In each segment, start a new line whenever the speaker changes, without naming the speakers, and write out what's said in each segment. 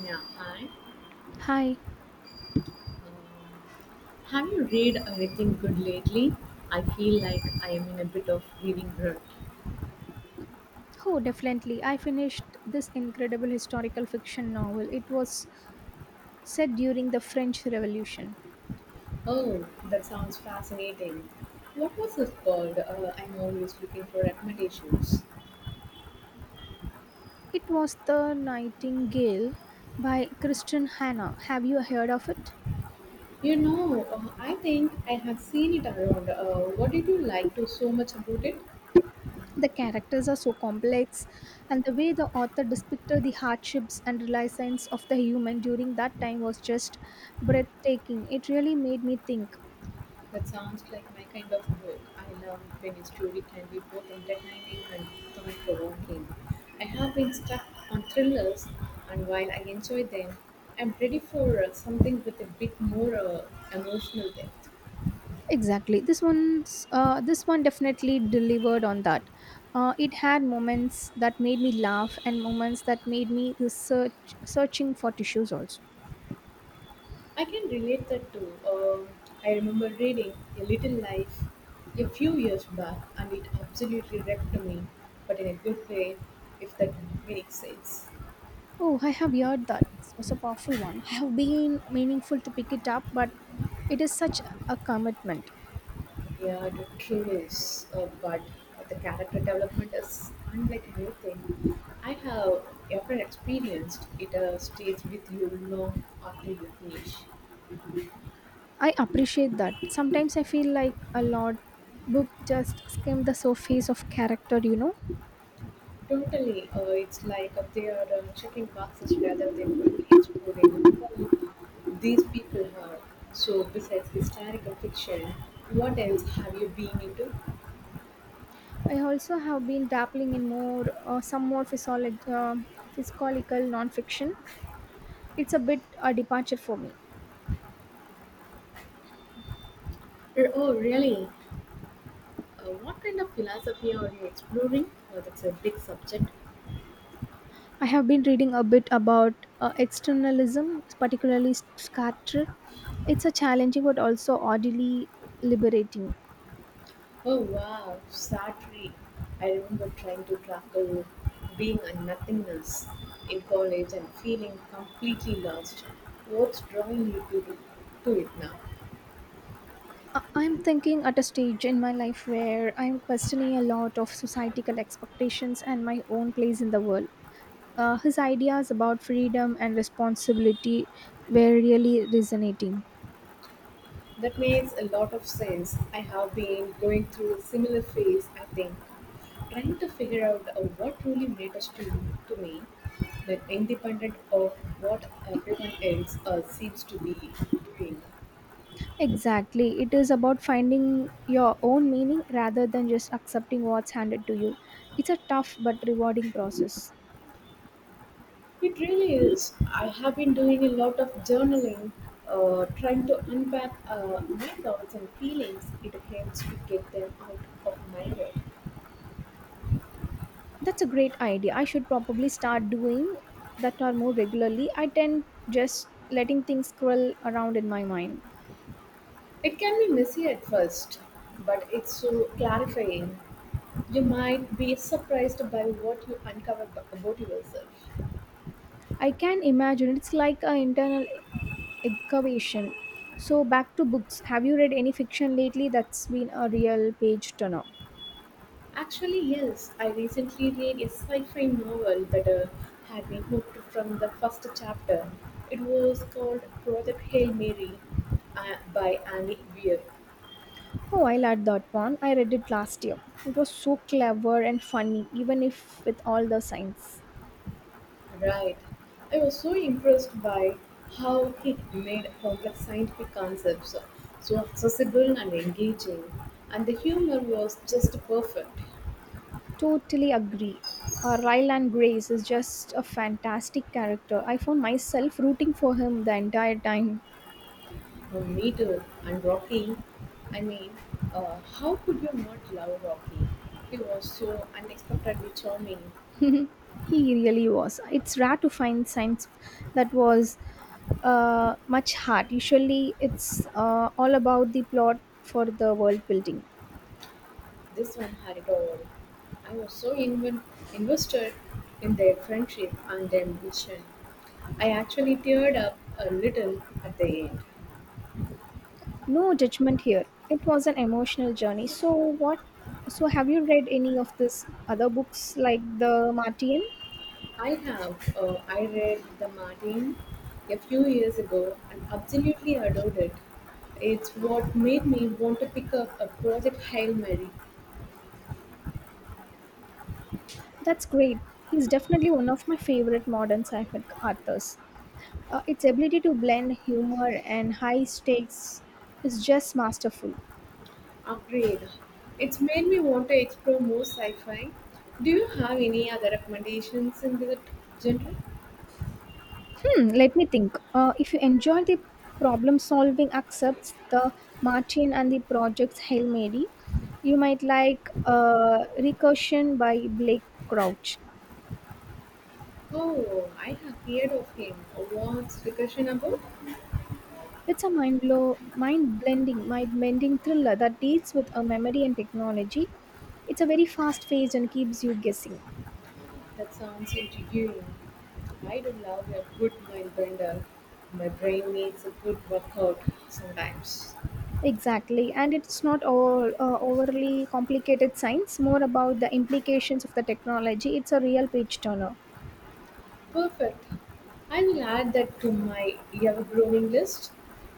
Yeah, hi.
Hi.
Um, have you read anything good lately? I feel like I am in a bit of reading rut.
Oh, definitely. I finished this incredible historical fiction novel. It was set during the French Revolution.
Oh, that sounds fascinating. What was it called? I'm always looking for recommendations.
It was The Nightingale by Kristen Hannah. Have you heard of it?
You know, I think I have seen it around. What did you like to so much about it?
The characters are so complex, and the way the author depicted the hardships and realizations of the human during that time was just breathtaking. It really made me think.
That sounds like my kind of book. I love when a story can be both entertaining and thought provoking. I have been stuck on thrillers, and while I enjoy them, I'm ready for something with a bit more emotional depth.
Exactly. This one definitely delivered on that. It had moments that made me laugh and moments that made me research searching for tissues also.
I can relate that to. Um, I remember reading A Little Life a few years back, and it absolutely wrecked me, but in a good way, if that makes sense.
Oh, I have heard that. This was a powerful one. I have been meaningful to pick it up, but it is such a commitment.
Yeah, the thrill is, but the character development is unlike anything I have ever experienced. It stays with you long after you finish.
I appreciate that. Sometimes I feel like a lot book just skim the surface of character.
Totally, it's like they are checking boxes rather than truly exploring who these people are. So, besides historical fiction, what else have you been into?
I also have been dabbling in more some more physiology, physiological nonfiction. It's a bit a departure for me.
Oh, really? What kind of philosophy are you exploring? Oh, that's a big subject.
I have been reading a bit about externalism, particularly Sartre. It's a challenging but also oddly liberating.
Oh wow, Sartre. I remember trying to tackle being a nothingness in college and feeling completely lost. What's drawing you to it now?
I'm thinking at a stage in my life where I'm questioning a lot of societal expectations and my own place in the world. His ideas about freedom and responsibility were really resonating.
That makes a lot of sense. I have been going through a similar phase, I think, trying to figure out what really matters to me, that independent of what everyone else seems to be doing.
Exactly. It is about finding your own meaning rather than just accepting what's handed to you. It's a tough but rewarding process.
It really is. I have been doing a lot of journaling, trying to unpack my thoughts and feelings. It helps to get them out of my head.
That's a great idea. I should probably start doing that or more regularly. I tend just letting things swirl around in my mind.
It can be messy at first, but it's so clarifying. You might be surprised by what you uncover about yourself.
I can imagine it's like an internal excavation. So back to books. Have you read any fiction lately that's been a real page turner?
Actually, yes, I recently read a sci fi novel that had me hooked from the first chapter. It was called Project Hail Mary by Annie Weir.
Oh, I liked that one. I read it last year. It was so clever and funny, even if with all the science.
Right. I was so impressed by how he made complex scientific concepts so accessible and engaging, and the humor was just perfect.
Totally agree. Ryland Grace is just a fantastic character. I found myself rooting for him the entire time.
Oh, me too. And Rocky, I mean, how could you not love Rocky? He was so unexpectedly charming.
He really was. It's rare to find science that was much hard. Usually, it's all about the plot for the world building.
This one had it all. I was so invested in their friendship and their mission. I actually teared up a little at the end.
No judgment here. It was an emotional journey. So have you read any of this other books like The Martian?
I have. I read The Martin a few years ago and absolutely adored it. It's what made me want to pick up a Project Hail Mary
That's great. He's definitely one of my favorite modern sci-fi authors. Its ability to blend humor and high stakes is just masterful.
upgrade. It's made me want to explore more sci fi. Do you have any other recommendations in that genre?
Hmm, let me think. If you enjoy the problem solving accepts the Martin and the project's Hail Mary, you might like Recursion by Blake Crouch.
Oh, I have heard of him. What's discussion about?
It's a mind blow, mind blending, mind bending thriller that deals with a memory and technology. It's a very fast paced and keeps you guessing.
That sounds intriguing. I do love a good mind bender. My brain needs a good workout sometimes.
Exactly, and it's not all overly complicated science. More about the implications of the technology. It's a real page turner.
Perfect. I will add that to my ever-growing list.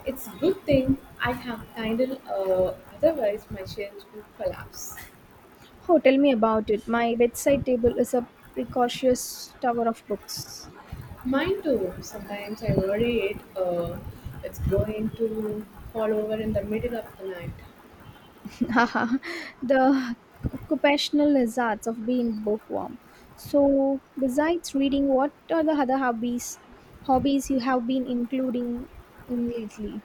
It's good thing I have kindle, otherwise my shelves would collapse.
Oh, tell me about it. My bedside table is a precocious tower of books.
Mine too. Sometimes I worry it's going to fall over in the middle of the night.
Haha, the occupational hazards of being bookworm. So, besides reading, what are the other hobbies you have been including in lately?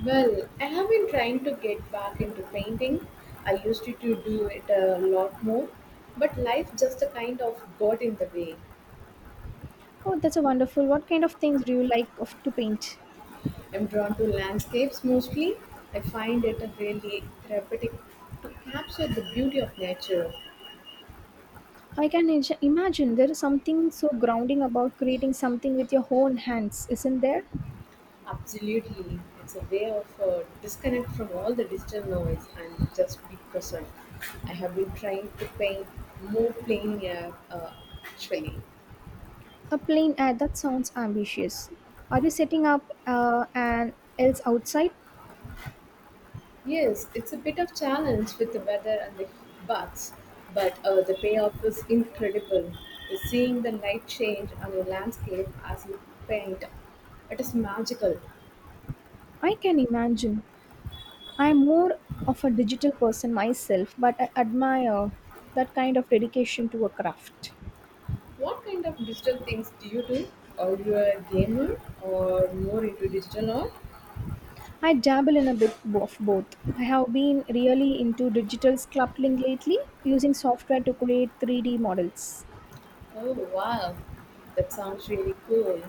Well, I have been trying to get back into painting. I used to do it a lot more, but life just a kind of got in the way.
Oh, that's a wonderful. What kind of things do you like of, to paint?
I'm drawn to landscapes mostly. I find it really therapeutic to capture the beauty of nature.
I can imagine there is something so grounding about creating something with your own hands, isn't there?
Absolutely. It's a way of disconnect from all the digital noise and just be present. I have been trying to paint more plain air actually.
A plain ad that sounds ambitious. Are you setting up an else outside?
Yes, it's a bit of challenge with the weather and the baths, but the payoff is incredible. Seeing the light change on a landscape as you paint, it is magical.
I can imagine. I'm more of a digital person myself, but I admire that kind of dedication to a craft.
What kind of digital things do you do? Are you a gamer or more into digital art?
I dabble in a bit of both. I have been really into digital sculpting lately, using software to create 3D models.
Oh wow, that sounds really cool.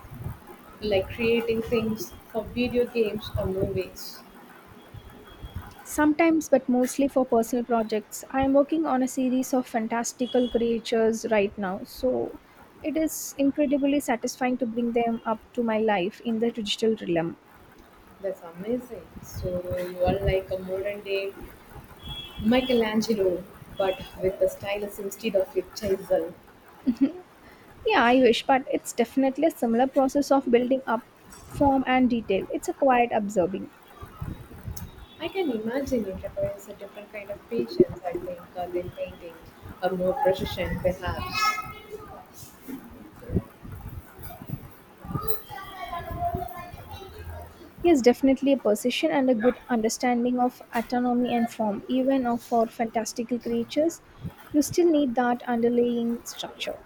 Like creating things for video games or movies.
Sometimes, but mostly for personal projects. I am working on a series of fantastical creatures right now, so it is incredibly satisfying to bring them up to my life in the digital realm.
That's amazing. So you are like a modern day Michelangelo, but with a stylus instead of a chisel.
Yeah, I wish, but it's definitely a similar process of building up form and detail. It's a quiet observing.
I can imagine it requires a different kind of patience, I think, than painting, or more precision perhaps.
Yes, definitely a precision and a good understanding of autonomy and form, for fantastical creatures. You still need that underlying structure.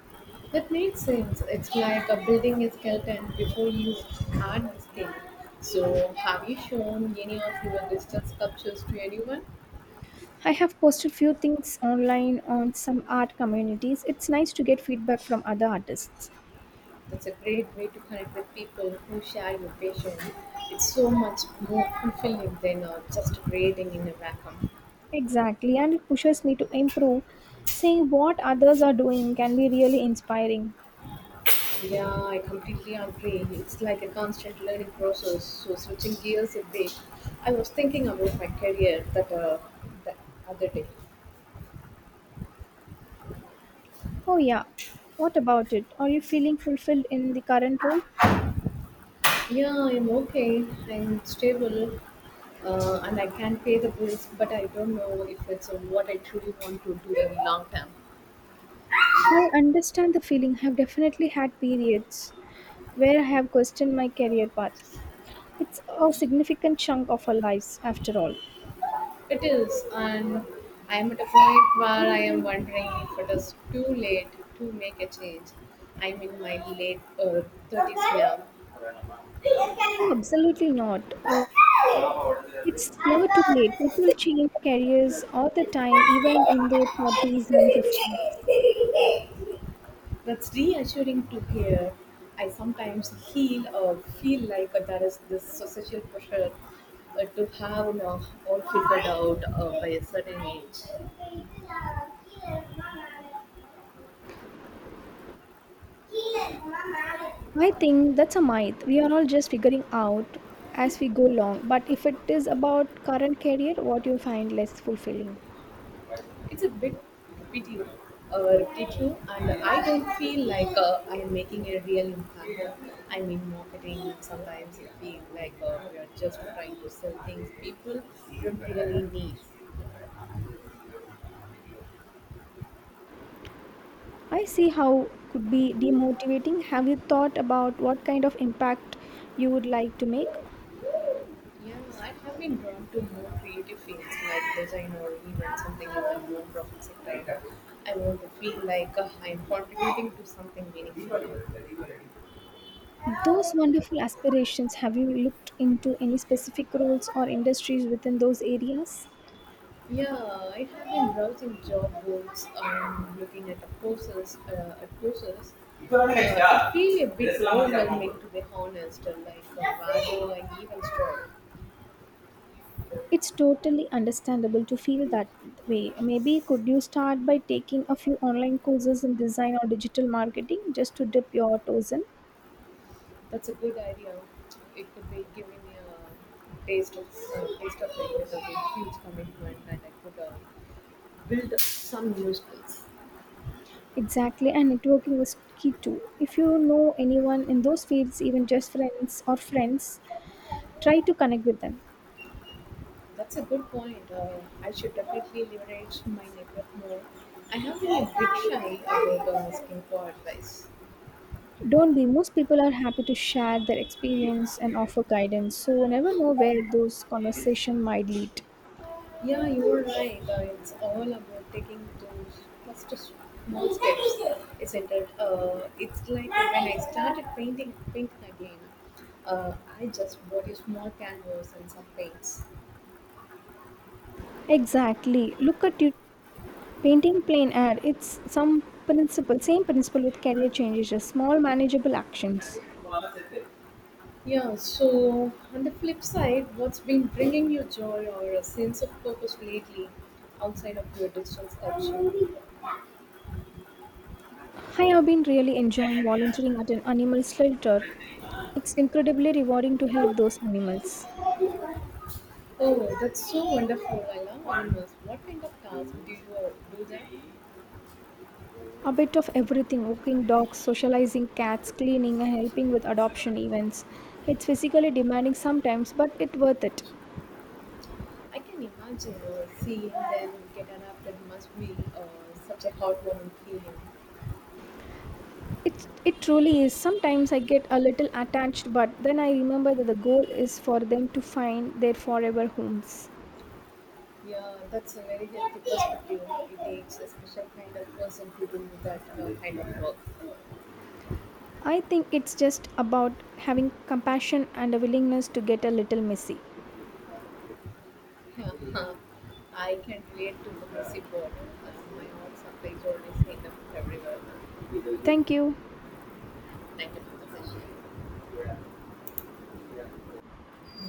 That makes sense. It's like building a skeleton before you add the skin. So, have you shown any of your digital sculptures to anyone?
I have posted few things online on some art communities. It's nice to get feedback from other artists.
That's a great way to connect with people who share your passion. It's so much more fulfilling than just creating in a vacuum.
Exactly, and it pushes me to improve. Seeing what others are doing can be really inspiring.
Yeah, I completely agree. It's like a constant learning process. So, switching gears a bit, I was thinking about my career that the other day.
Oh, yeah. What about it? Are you feeling fulfilled in the current role?
Yeah, I'm okay. I'm stable, and I can pay the bills, but I don't know if it's what I truly want to do in long term.
I understand the feeling. I've definitely had periods where I have questioned my career path. It's a significant chunk of our lives, after all.
It is, and I'm at a point where I am wondering if it is too late to make a change. I'm in my late 30s
Oh, absolutely not. It's never too late. People change careers all the time, even in their 40s and 50s.
now. That's reassuring to hear. I sometimes feel like there is this social pressure to have now all figured out by a certain age.
I think that's a myth. We are all just figuring out as we go along. But if it is about current career, what you find less fulfilling?
It's a bit repetitive, repetitive, and I don't feel like I'm making a real impact. I mean, marketing sometimes it feels like we are just trying to sell things people don't really need.
I see how could be demotivating. Have you thought about what kind of impact you would like to make?
Yeah, I have been drawn to more creative fields like design or even something in the non-profit sector. I want to feel like I am contributing to something meaningful.
Those wonderful aspirations, have you looked into any specific roles or industries within those areas?
Yeah, I have been browsing job boards and looking at the courses. I feel a bit overwhelming to be honest. Like where do I even start?
It's totally understandable to feel that way. Maybe could you start by taking a few online courses in design or digital marketing just to dip your toes in?
That's a good idea. It could be giving me a taste of it without a huge commitment, and I could build some new skills.
Exactly, and networking is key too. If you know anyone in those fields, even just friends or friends, try to connect with them.
That's a good point. I should definitely leverage my network more. I have been a bit shy about asking for advice.
Don't be. Most people are happy to share their experience and offer guidance, so we never know where those conversations might lead.
Yeah, you're right. It's all about taking those first small steps, isn't it? It's like when I started painting pink again, uh, I just bought a small canvas and some paints.
Exactly. Look at you painting plain air. It's some principle, same principle with career changes, just small manageable actions.
Yeah, so on the flip side, what's been bringing you joy or a sense of purpose lately outside of your digital
I have been really enjoying volunteering at an animal shelter.
sculpture?
It's incredibly rewarding to help those animals.
Oh, that's so wonderful. I love animals. What kind of tasks do you do them?
A bit of everything walking dogs, socializing cats, cleaning, and helping with adoption events. It's physically demanding sometimes, but it's worth it.
I can imagine seeing them get an up. That must be such a heartwarming feeling.
It truly is. Sometimes I get a little attached, but then I remember that the goal is for them to find their forever homes.
Yeah, that's a very healthy perspective. It takes a special kind of person to do that kind of work.
I think it's just about having compassion and a willingness to get a little messy.
Yeah, huh. I can relate to the music board. My own surprise always end up everywhere.
Thank you.
Thank you for the session.